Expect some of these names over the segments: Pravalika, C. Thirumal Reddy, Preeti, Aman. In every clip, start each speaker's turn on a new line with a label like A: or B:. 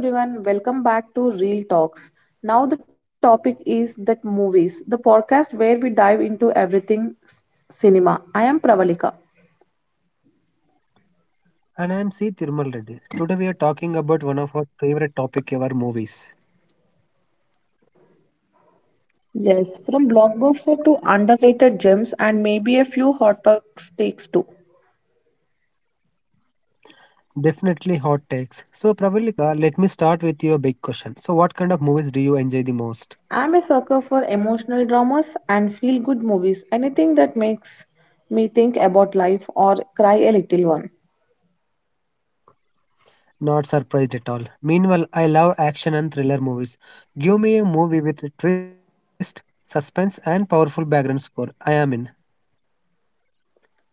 A: Hello everyone, welcome back to Real Talks. Now the topic is that movies, the podcast where we dive into everything cinema. I am Pravalika.
B: And I am C. Thirumal Reddy. Today we are talking about one of our favorite topic ever movies.
A: Yes, from blockbuster to underrated gems and maybe a few hot takes too.
B: Definitely hot takes. So Pravalika, let me start with you a big question. So what kind of movies do you enjoy the most?
A: I'm a sucker for emotional dramas and feel good movies, anything that makes me think about life or cry a little one.
B: Not surprised at all. Meanwhile, I love action and thriller movies. Give me a movie with a twist, suspense and powerful background score. I am in.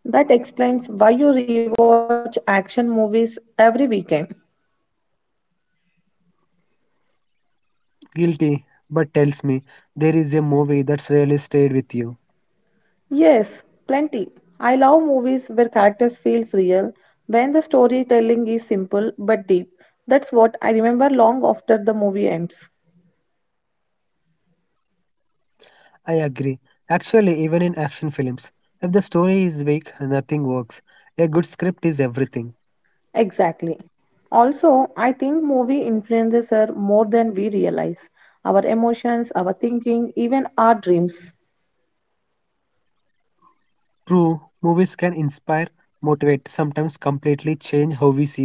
A: That explains why you rewatch action movies every weekend.
B: Guilty, but tells me there is a movie that's really stayed with you.
A: Yes, plenty. I love movies where characters feels real, when the storytelling is simple but deep. That's what I remember long after the movie ends.
B: I agree. Actually, even in action films, if the story is weak, nothing works. A good script is everything.
A: Exactly. Also, I think movie influences are more than we realize. Our emotions, our thinking, even our dreams.
B: True, movies can inspire, motivate, sometimes completely change how we see the world.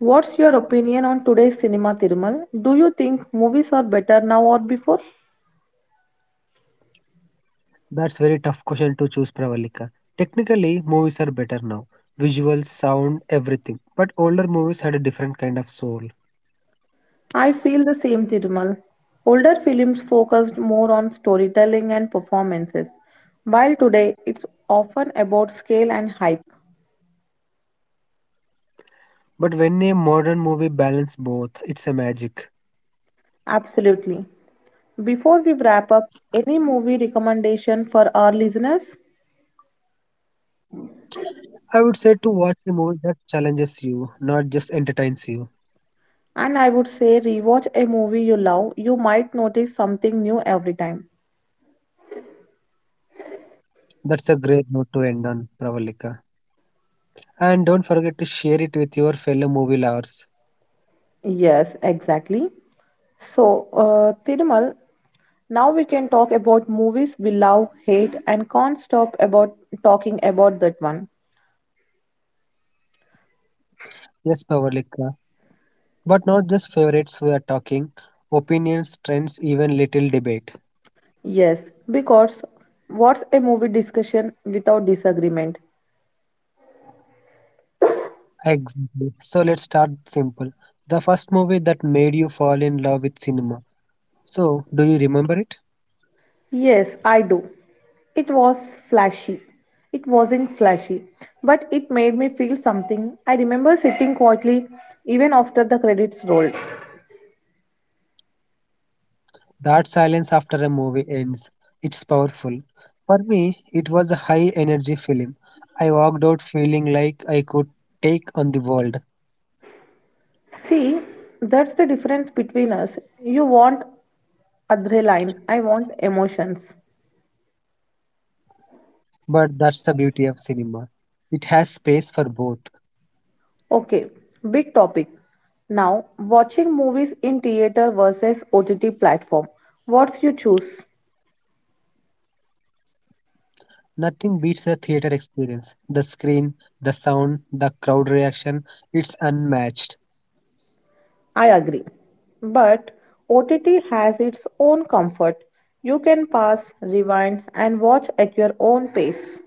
A: What's your opinion on today's cinema, Thirumal? Do you think movies are better now or before?
B: That's very tough question to choose, Pravalika. Technically, movies are better now. Visuals, sound, everything. But older movies had a different kind of soul.
A: I feel the same, Tirumal. Older films focused more on storytelling and performances, while today it's often about scale and hype.
B: But when a modern movie balances both, it's a magic.
A: Absolutely. Before we wrap up, any movie recommendation for our listeners?
B: I would say to watch a movie that challenges you, not just entertains you.
A: And I would say rewatch a movie you love. You might notice something new every time.
B: That's a great note to end on, Pravalika. And don't forget to share it with your fellow movie lovers.
A: Yes, exactly. So, Tirumal, now we can talk about movies we love, hate, and can't stop about talking about that one.
B: Yes, Pravalika. But not just favorites we are talking, opinions, trends, even little debate.
A: Yes, because what's a movie discussion without disagreement?
B: Exactly. So let's start simple. The first movie that made you fall in love with cinema. So, do you remember it?
A: Yes, I do. It was flashy. It wasn't flashy, but it made me feel something. I remember sitting quietly even after the credits rolled.
B: That silence after a movie ends. It's powerful. For me, it was a high energy film. I walked out feeling like I could take on the world.
A: See, that's the difference between us. You want adrenaline, I want emotions.
B: But that's the beauty of cinema. It has space for both.
A: Okay, big topic. Now, watching movies in theater versus OTT platform. What's you choose?
B: Nothing beats a theater experience. The screen, the sound, the crowd reaction, it's unmatched.
A: I agree. But OTT has its own comfort. You can pause, rewind, and watch at your own pace.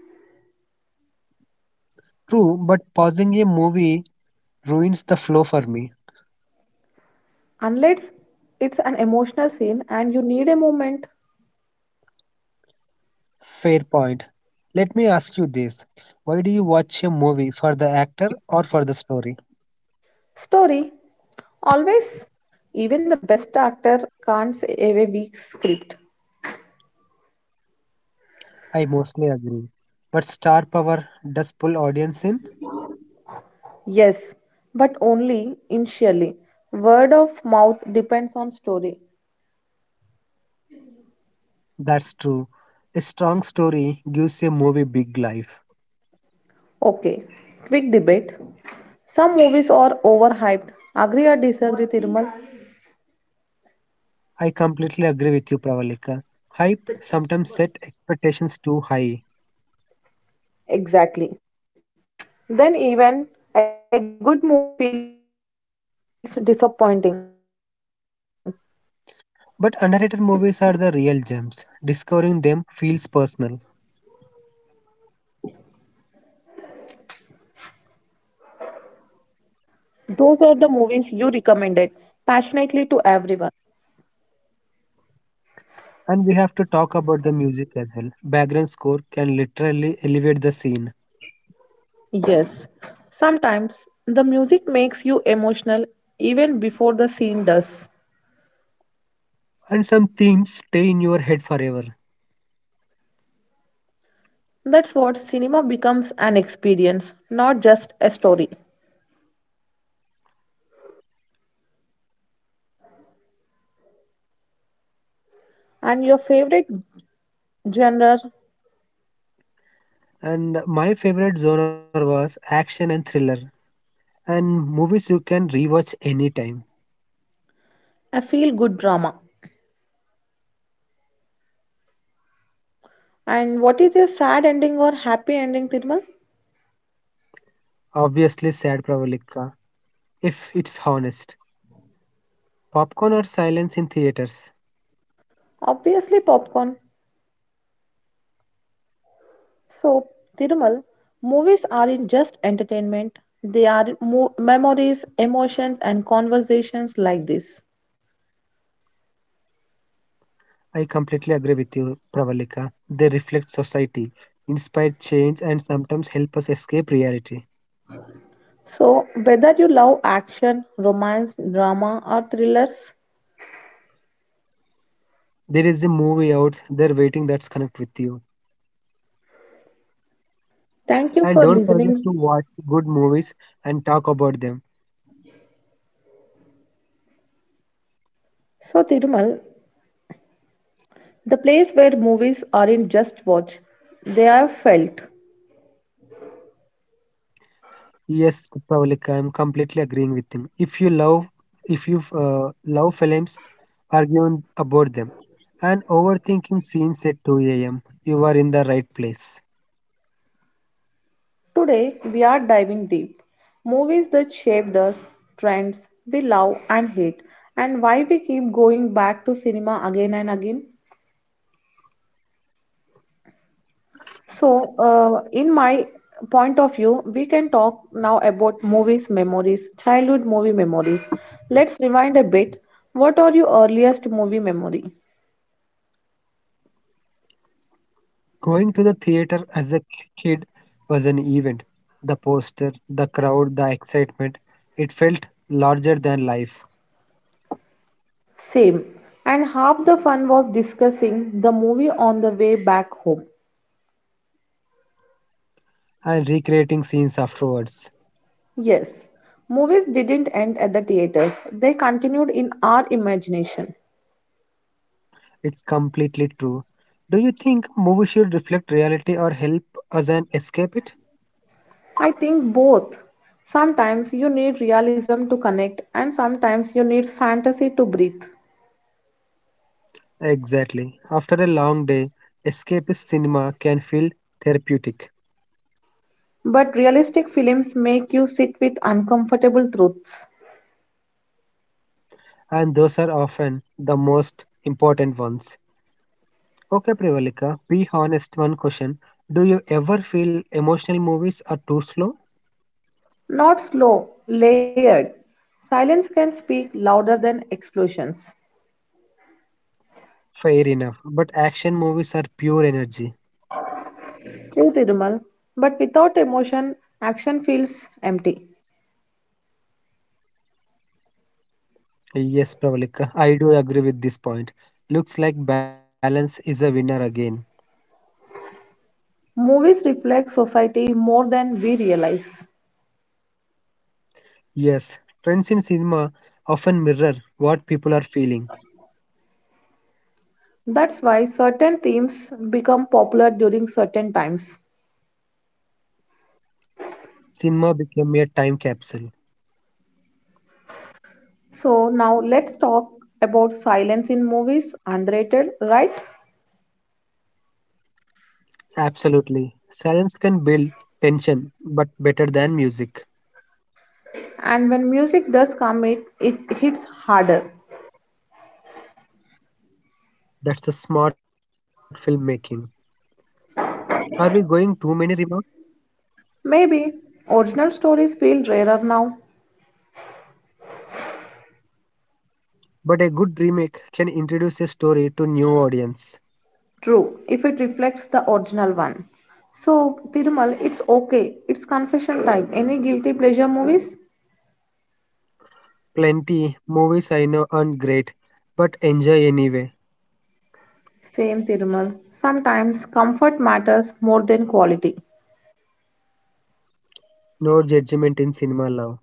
B: True, but pausing a movie ruins the flow for me.
A: Unless it's an emotional scene and you need a moment.
B: Fair point. Let me ask you this. Why do you watch a movie for the actor or for the story?
A: Story. Always. Even the best actor can't save a weak script.
B: I mostly agree. But star power does pull audience in?
A: Yes, but only initially. Word of mouth depends on story.
B: That's true. A strong story gives a movie big life.
A: Okay, quick debate. Some movies are overhyped. Agree or disagree, Tirmal?
B: I completely agree with you, Pravalika. Hype sometimes set expectations too high.
A: Exactly. Then even a good movie feels disappointing.
B: But underrated movies are the real gems. Discovering them feels personal.
A: Those are the movies you recommended passionately to everyone.
B: And we have to talk about the music as well. Background score can literally elevate the scene.
A: Yes, sometimes the music makes you emotional even before the scene does.
B: And some themes stay in your head forever.
A: That's what cinema becomes an experience, not just a story. And your favorite genre,
B: And my favorite genre was action and thriller. And movies you can rewatch anytime.
A: a feel good drama. And what is your sad ending or happy ending, Tirmal?
B: Obviously, sad Pravalika, if it's honest. Popcorn or silence in theaters.
A: Obviously, popcorn. So, Tirumal, movies aren't just entertainment, they are memories, emotions, and conversations like this.
B: I completely agree with you, Pravalika. They reflect society, inspire change, and sometimes help us escape reality.
A: So, whether you love action, romance, drama, or thrillers,
B: There is a movie out there waiting that's connect with you.
A: thank you
B: And
A: for
B: don't
A: listening.
B: forget to watch good movies and talk about them.
A: So, Tirumal, the place where movies aren't just watched, they are felt.
B: Yes, Pravalika, I'm completely agreeing with you. If you love films, argue about them. And overthinking scenes at 2 a.m. You are in the right place.
A: Today, we are diving deep. Movies that shaped us, trends we love and hate, and why we keep going back to cinema again and again. So, in my point of view, we can talk now about movies memories, childhood movie memories. Let's rewind a bit. What are your earliest movie memory?
B: Going to the theater as a kid was an event. The poster, the crowd, the excitement, it felt larger than life.
A: Same. And half the fun was discussing the movie on the way back home.
B: And recreating scenes afterwards.
A: Yes, movies didn't end at the theaters, they continued in our imagination.
B: It's completely true. Do you think movies should reflect or help us and escape it?
A: I think both. Sometimes you need realism to connect, and sometimes you need fantasy to breathe.
B: Exactly. After a long day, escapist cinema can feel therapeutic,
A: But realistic films make you sit with uncomfortable truths.
B: and those are often the most important ones. Okay, Privalika, be honest. One question. Do you ever feel emotional movies are too slow?
A: Not slow, layered. Silence can speak louder than explosions.
B: Fair enough. But action movies are pure energy.
A: True, Thirumal. But without emotion, action feels empty.
B: Yes, Pravalika, I do agree with this point. Looks like balance is a winner again.
A: Movies reflect society more than we realize.
B: Yes, trends in cinema often mirror what people are feeling.
A: That's why certain themes become popular during certain times.
B: Cinema became a time capsule.
A: So now let's talk about silence in movies, underrated, right?
B: Absolutely. Silence can build tension, but better than music.
A: And when music does come, it hits harder.
B: That's the smart filmmaking. Are we going too many remarks?
A: Maybe original stories feel rarer now.
B: But a good remake can introduce a story to new audience.
A: True, if it reflects the original one. So, Tirumal, it's okay. It's confession time. Any guilty pleasure movies?
B: Plenty movies I know aren't great, but enjoy anyway.
A: Same, Tirumal. Sometimes comfort matters more than quality.
B: No judgment in cinema love.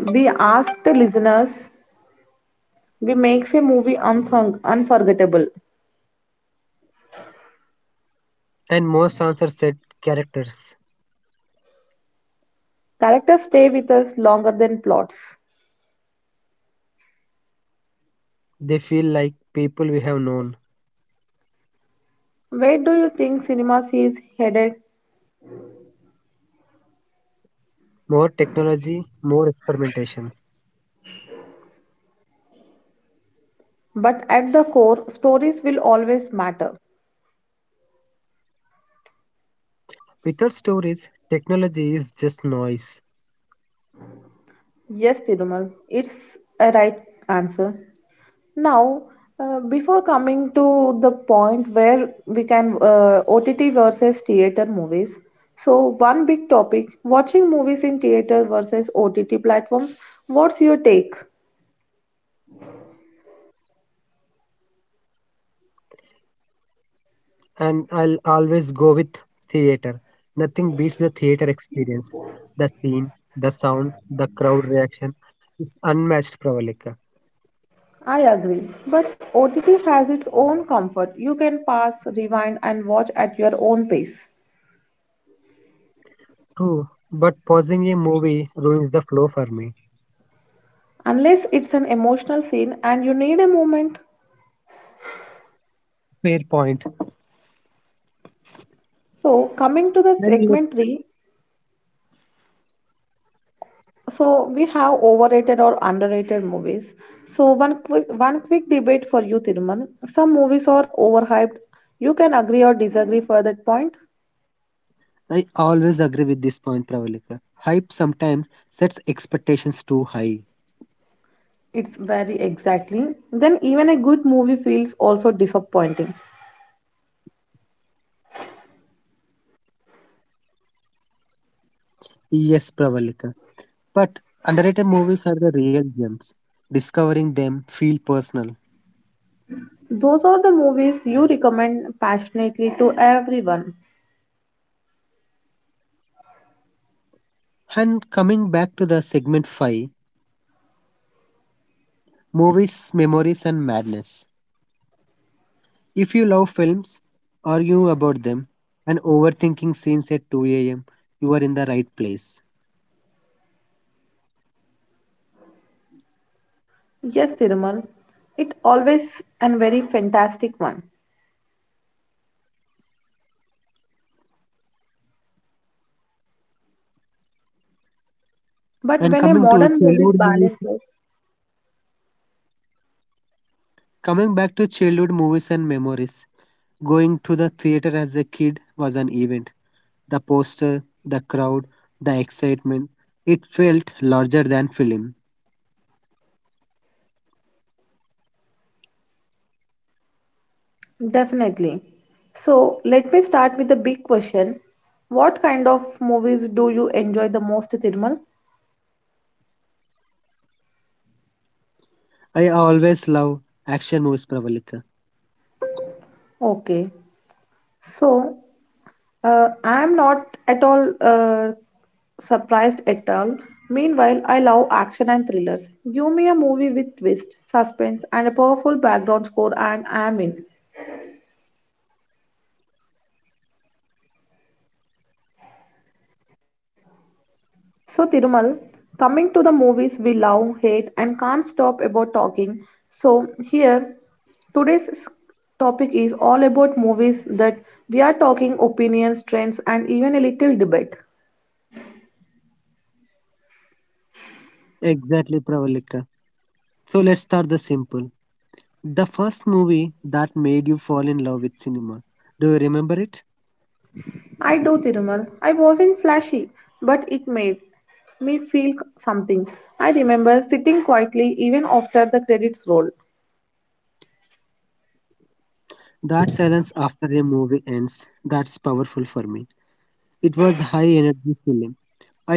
A: We ask the listeners, we makes a movie unforgettable.
B: And more songs are set characters.
A: Characters stay with us longer than plots.
B: They feel like people we have known.
A: Where do you think cinema sees headed?
B: More technology, more experimentation.
A: But at the core, stories will always matter.
B: Without stories, technology is just noise.
A: Yes, Tirumal, it's a right answer. Now, before coming to the point where we can OTT versus theater movies, so one big topic watching movies in theater versus OTT platforms. What's your take?
B: And I'll always go with theater. Nothing beats the theater experience. The scene, the sound, the crowd reaction. It's unmatched, Pravalika.
A: I agree, but OTT has its own comfort. You can pause, rewind, and watch at your own pace,
B: True, but pausing a movie ruins the flow for me.
A: unless it's an emotional scene and you need a moment.
B: Fair point.
A: So, coming to the
B: And look,
A: segment three, so we have overrated or underrated movies. So one quick debate for you, Thiruman. Some movies are overhyped. You can agree or disagree for that point.
B: I always agree with this point, Pravalika. Hype sometimes sets expectations too high.
A: It's very exactly. Then even a good movie feels also disappointing.
B: Yes, Pravalika. But underrated movies are the real gems. Discovering them feel personal.
A: Those are the movies you recommend passionately to everyone.
B: And coming back to the segment 5, movies, memories and madness. If you love films, argue about them, and overthinking scenes at 2 a.m., you are in the right place.
A: Yes, Thiruman. It always and very fantastic one. But
B: And
A: when a
B: coming to
A: modern movie
B: Childhood movies
A: balances.
B: Coming back to childhood movies and memories, going to the theater as a kid was an event. The poster, the crowd, the excitement, it felt larger than film.
A: Definitely. So let me start with the big question. What kind of movies do you enjoy the most, Tirmal?
B: I always love action movies, Pravalika.
A: Okay. So I'm not at all surprised at all. Meanwhile, I love action and thrillers. Give me a movie with twist, suspense, and a powerful background score, and I'm in. So, Tirumal, coming to the movies we love, hate, and can't stop about talking. So, here today's topic is all about movies that we are talking opinions, trends, and even a little debate.
B: Exactly, Pravalika. So let's start the simple. The first movie that made you fall in love with cinema. Do you remember it?
A: I do, Thirumal. I wasn't flashy, but it made me feel something. I remember sitting quietly even after the credits rolled.
B: That silence after a movie ends, that's powerful for me. It was high energy film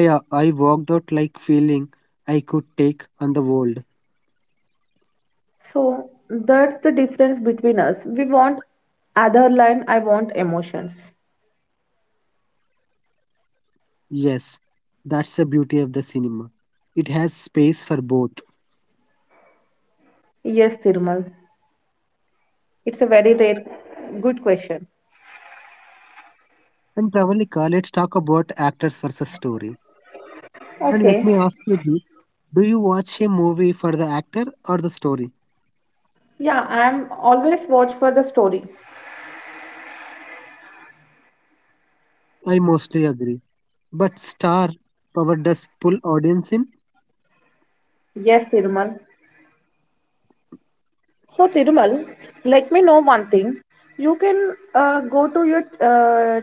B: I walked out like feeling I could take on the world.
A: So that's the difference between us. We want other line, I want emotions.
B: Yes, that's the beauty of the cinema. It has space for both.
A: Yes, Thirumal. It's a very rare, good question.
B: And Pravalika, let's talk about actors versus story. And let me
A: Okay.
B: ask you this do you watch a movie for the actor or the story?
A: Yeah, I'm always watch for the story.
B: I mostly agree. But star power does pull audience in?
A: Yes, Thirumal. So, Tirumal, let me know one thing. You can go to your uh,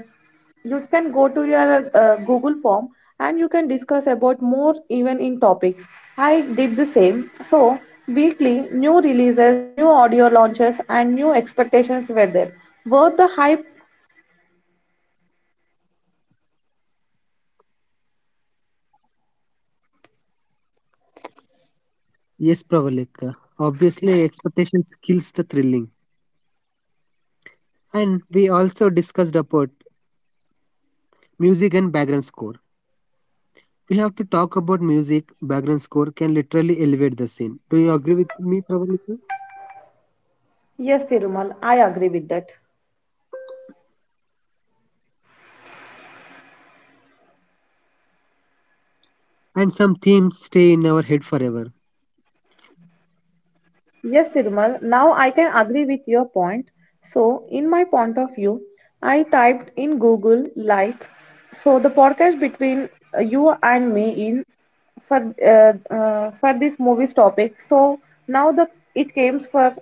A: Google form and you can discuss about more even in topics. I did the same. So weekly new releases, new audio launches, and new expectations were there. Worth the hype?
B: Yes, Pravalika. Obviously, expectations kills the thrilling. And we also discussed about music and background score. We have to talk about music. Background score can literally elevate the scene. Do you agree with me, Pravalika?
A: Yes, Tirumal, I agree with that.
B: And some themes.
A: Yes, Nirmal. Now I can agree with your point. So, in my point of view, I typed in Google like so the podcast between you and me in for this movies topic. So now the it comes for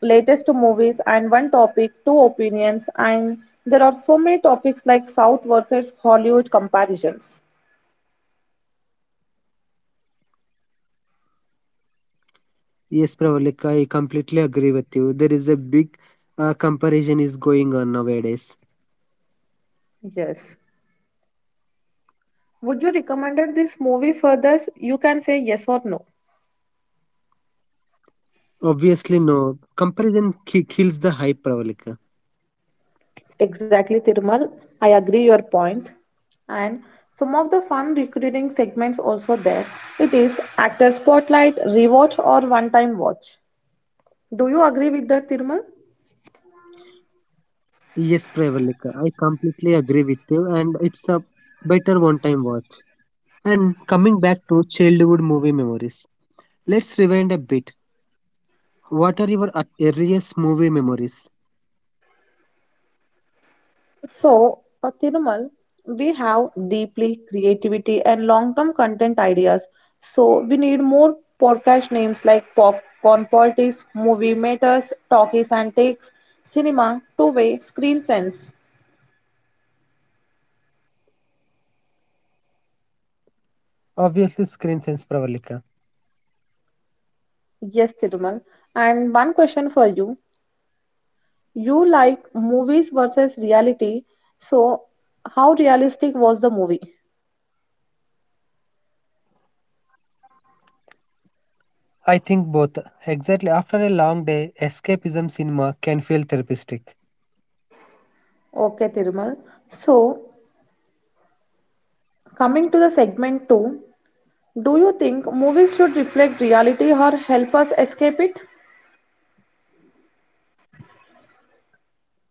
A: latest movies and one topic, two opinions, and there are so many topics like South versus Hollywood comparisons.
B: Yes, Pravalika, I completely agree with you. There is a big comparison is going on nowadays.
A: Yes. Would you recommend this movie for this? You can say yes or no.
B: Obviously, no comparison kills the hype, Pravalika.
A: Exactly, Tirumal. I agree your point. And some of the fun recurring segments also there. It is actor spotlight, rewatch, or one-time watch. Do you agree with that, Tirumal?
B: Yes, Pravalika, I completely agree with you, and it's a better one-time watch. And coming back to childhood movie memories, let's rewind a bit. What are your earliest movie memories?
A: So, for Tirumal, we have deeply creativity and long-term content ideas. So we need more podcast names like popcorn politics, movie matters, talkies and takes, cinema, two-way, screen sense.
B: Obviously, screen sense, Pravalika.
A: Yes, Tirumal. And one question for you. You like movies versus reality. So, how realistic was the movie?
B: I think both. Exactly, after a long day, escapism cinema can feel therapeutic.
A: Okay, Thirumal. So, coming to the segment two, do you think movies should reflect reality or help us escape it?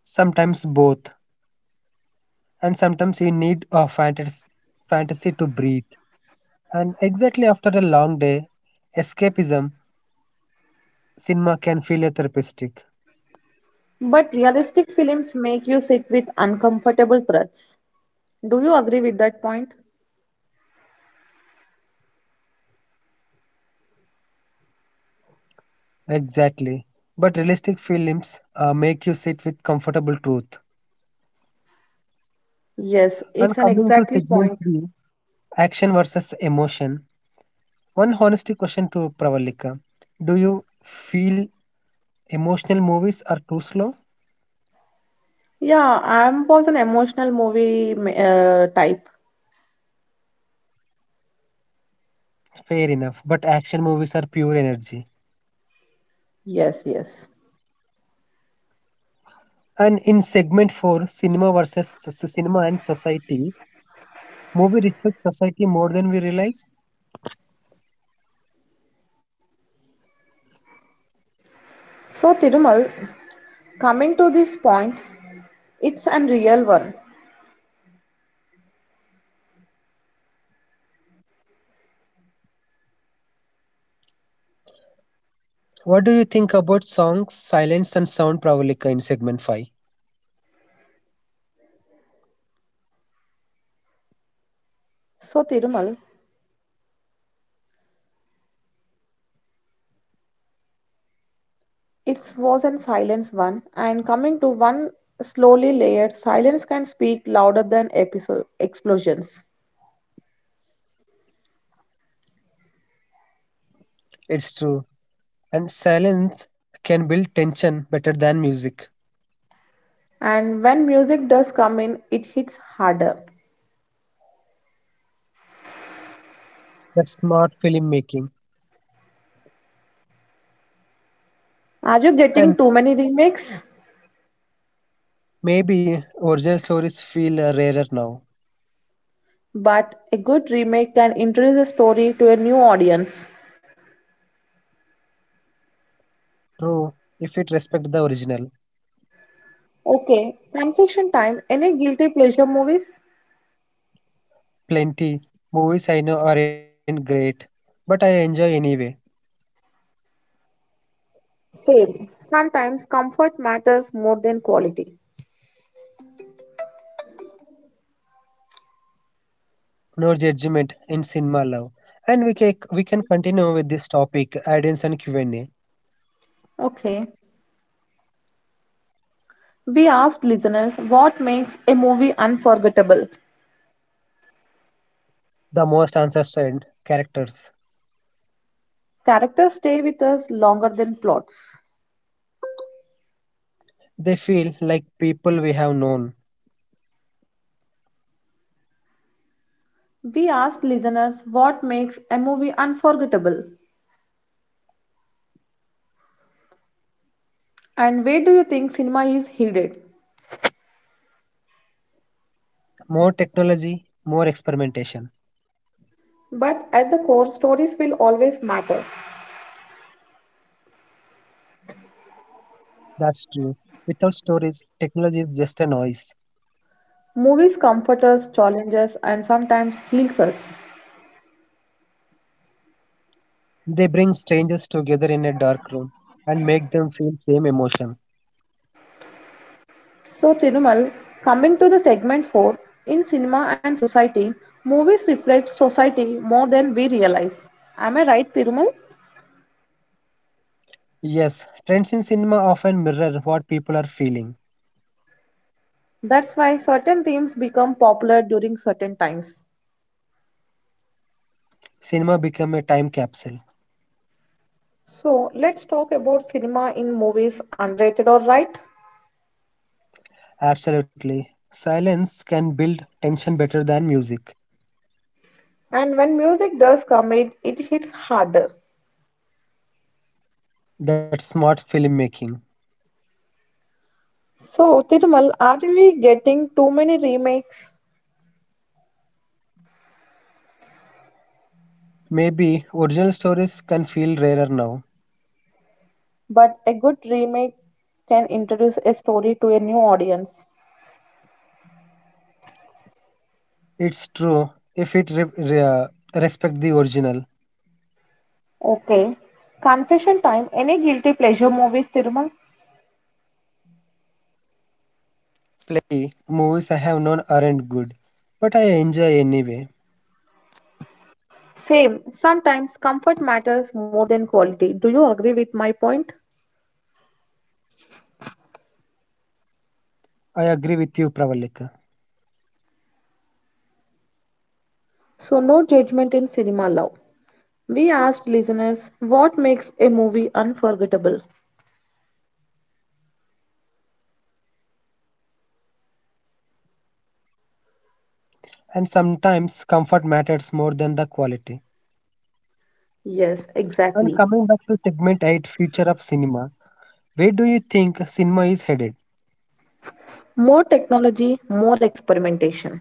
B: Sometimes both. And sometimes you need a fantasy, to breathe. And exactly after a long day, escapism cinema can feel a therapeutic.
A: But realistic films make you sit with uncomfortable threats. Do you agree with that point?
B: Exactly. But realistic films make you sit with comfortable truth.
A: Yes,
B: And
A: it's an
B: coming to
A: exactly
B: segment
A: point.
B: 3, action versus emotion. One honesty question to Pravalika. Do you feel emotional movies are too slow?
A: Yeah, I was an emotional movie type.
B: Fair enough, but action movies are pure energy.
A: Yes, yes.
B: And in segment 4, cinema versus cinema and society, Movie reflects society more than we realize.
A: So, Thirumal, coming to this point, it's an real one.
B: What do you think about songs, silence, and sound, Pravalika, in segment 5?
A: So, Tirumal, it was an silence one, and coming to one slowly layered, silence can speak louder than episode explosions.
B: It's true. And silence can build tension better than music.
A: And when music does come in, it hits harder.
B: That's smart filmmaking.
A: Are you
B: And
A: getting too many remakes?
B: maybe original stories feel rarer now.
A: But a good remake can introduce a story to a new audience.
B: True, if it respects the original.
A: Okay, confession time. Any guilty pleasure movies?
B: Plenty. Movies I know aren't great, but I enjoy anyway.
A: Same. Sometimes comfort matters more than quality.
B: No judgment in cinema love. And we can continue with this topic, add-ins and Q&A.
A: Okay. We asked listeners what makes a movie unforgettable.
B: The most ancestral characters.
A: Characters stay with us longer than plots.
B: They feel like people we have known.
A: We asked listeners what makes a movie unforgettable and where do you think cinema is headed?
B: More technology, more experimentation.
A: But at the core, stories will always matter.
B: That's true. Without stories, technology is just a noise.
A: Movies comfort us, challenge us, and sometimes heals us.
B: They bring strangers together in a dark room and make them feel same emotion.
A: So, Thirumal, coming to the segment 4 in cinema and society, movies reflect society more than we realize. Am I right, Thirumal?
B: Yes, trends in cinema often mirror what people are feeling.
A: That's why certain themes become popular during certain times.
B: Cinema become a time capsule.
A: So let's talk about cinema in movies underrated or right.
B: Absolutely. Silence can build tension better than music.
A: And when music does come it hits harder.
B: That's smart filmmaking.
A: So Thirumal, are we getting too many remakes? But a good remake can introduce a story to a new audience. Okay. Confession time. Any guilty pleasure movies, Thirumal? Same. Sometimes comfort matters more than quality. Do you agree with my point?
B: I agree with you, Pravalika.
A: So no judgment in cinema love. We asked listeners what makes a movie unforgettable.
B: And sometimes comfort matters more than the quality.
A: Yes,
B: And
A: exactly.
B: coming back to segment 8, future of cinema, where do you think cinema is headed?
A: More technology, more experimentation.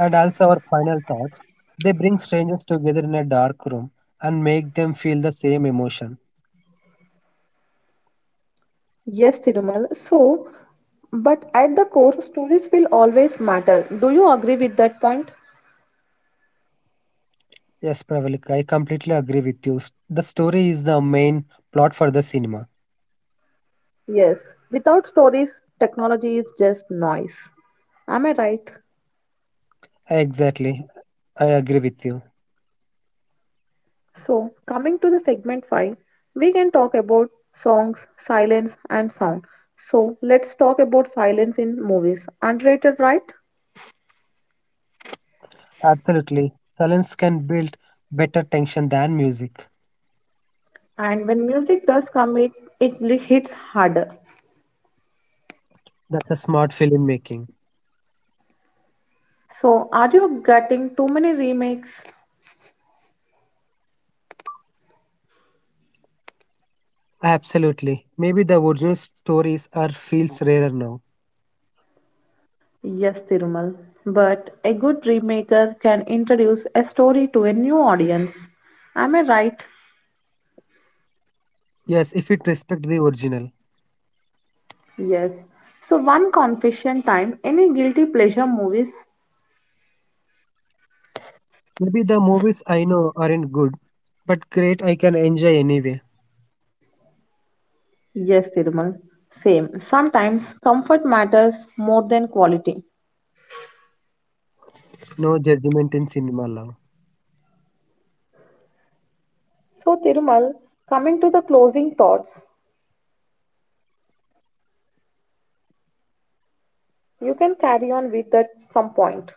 B: And also our final thoughts. They bring strangers together in a dark room and make them feel the same emotion.
A: Yes, Thirumal. So, but at the core, stories will always matter. Do you agree with that point?
B: Yes, Pravalika, I completely agree with you. The story is the main plot for the cinema.
A: Yes, without stories, technology is just noise. Am I right?
B: Exactly, I agree with you.
A: So, coming to the segment 5, we can talk about songs, silence, and sound. So, let's talk about silence in movies. Underrated, right?
B: Absolutely. Silence can build better tension than music.
A: And when music does come, it hits harder.
B: That's a smart filmmaking.
A: So, are you getting too many remakes?
B: Absolutely. Maybe the original stories are feels rarer now.
A: Yes, Thirumal. But a good remaker can introduce a story to a new audience. Am I right?
B: Yes, if it respect the original.
A: Yes. So, one confession time, any guilty pleasure movies?
B: Maybe the movies I know aren't good, but great I can enjoy anyway.
A: Yes, Thirumal. Same. Sometimes comfort matters more than quality.
B: No judgment in cinema love.
A: So, Thirumal, coming to the closing thoughts, you can carry on with that some point.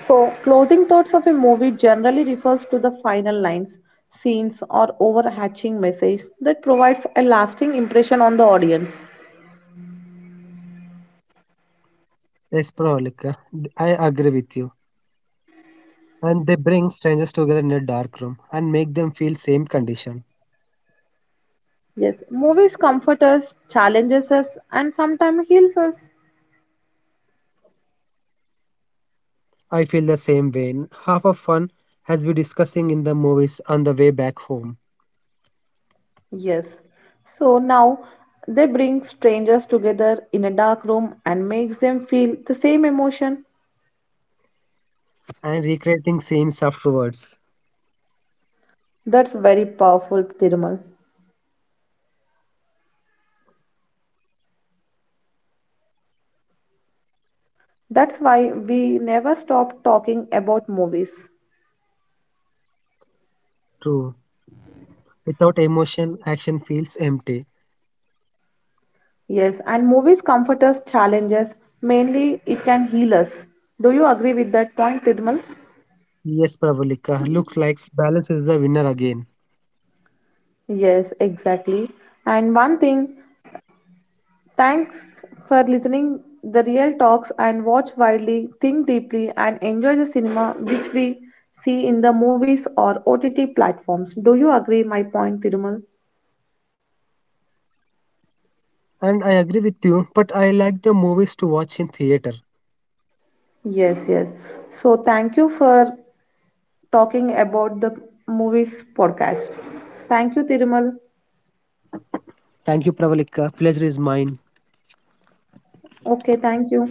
A: So, closing thoughts of a movie generally refers to the final lines, scenes, or overarching message that provides a lasting impression on the audience.
B: Yes, Pravalika. I agree with you. And they bring strangers together in a dark room and make them feel same condition.
A: Yes, movies comfort us, challenges us, and sometimes heals us.
B: I feel the same way. Half of fun has been discussing in the movies on the way back home
A: Yes. So now they bring strangers together in a dark room and makes them feel the same emotion.
B: and recreating scenes afterwards.
A: That's very powerful, Tirumal. That's why we never stop talking about movies.
B: True. Without emotion, action feels empty.
A: Yes, and movies comfort us, challenge us, mainly it can heal us. Do you agree with that point, Tirmal?
B: Yes, Pravalika. Looks like balance is the winner again.
A: Yes, exactly. And one thing, thanks for listening the real talks and watch widely, think deeply and enjoy the cinema which we see in the movies or OTT platforms. Do you agree my point, Tirmal?
B: And I agree with you, but I like the movies to watch in theater.
A: Yes, yes. So thank you for talking about the movies podcast. Thank you, Tirmal.
B: Thank you, Pravalika. Pleasure is mine.
A: Okay, thank you.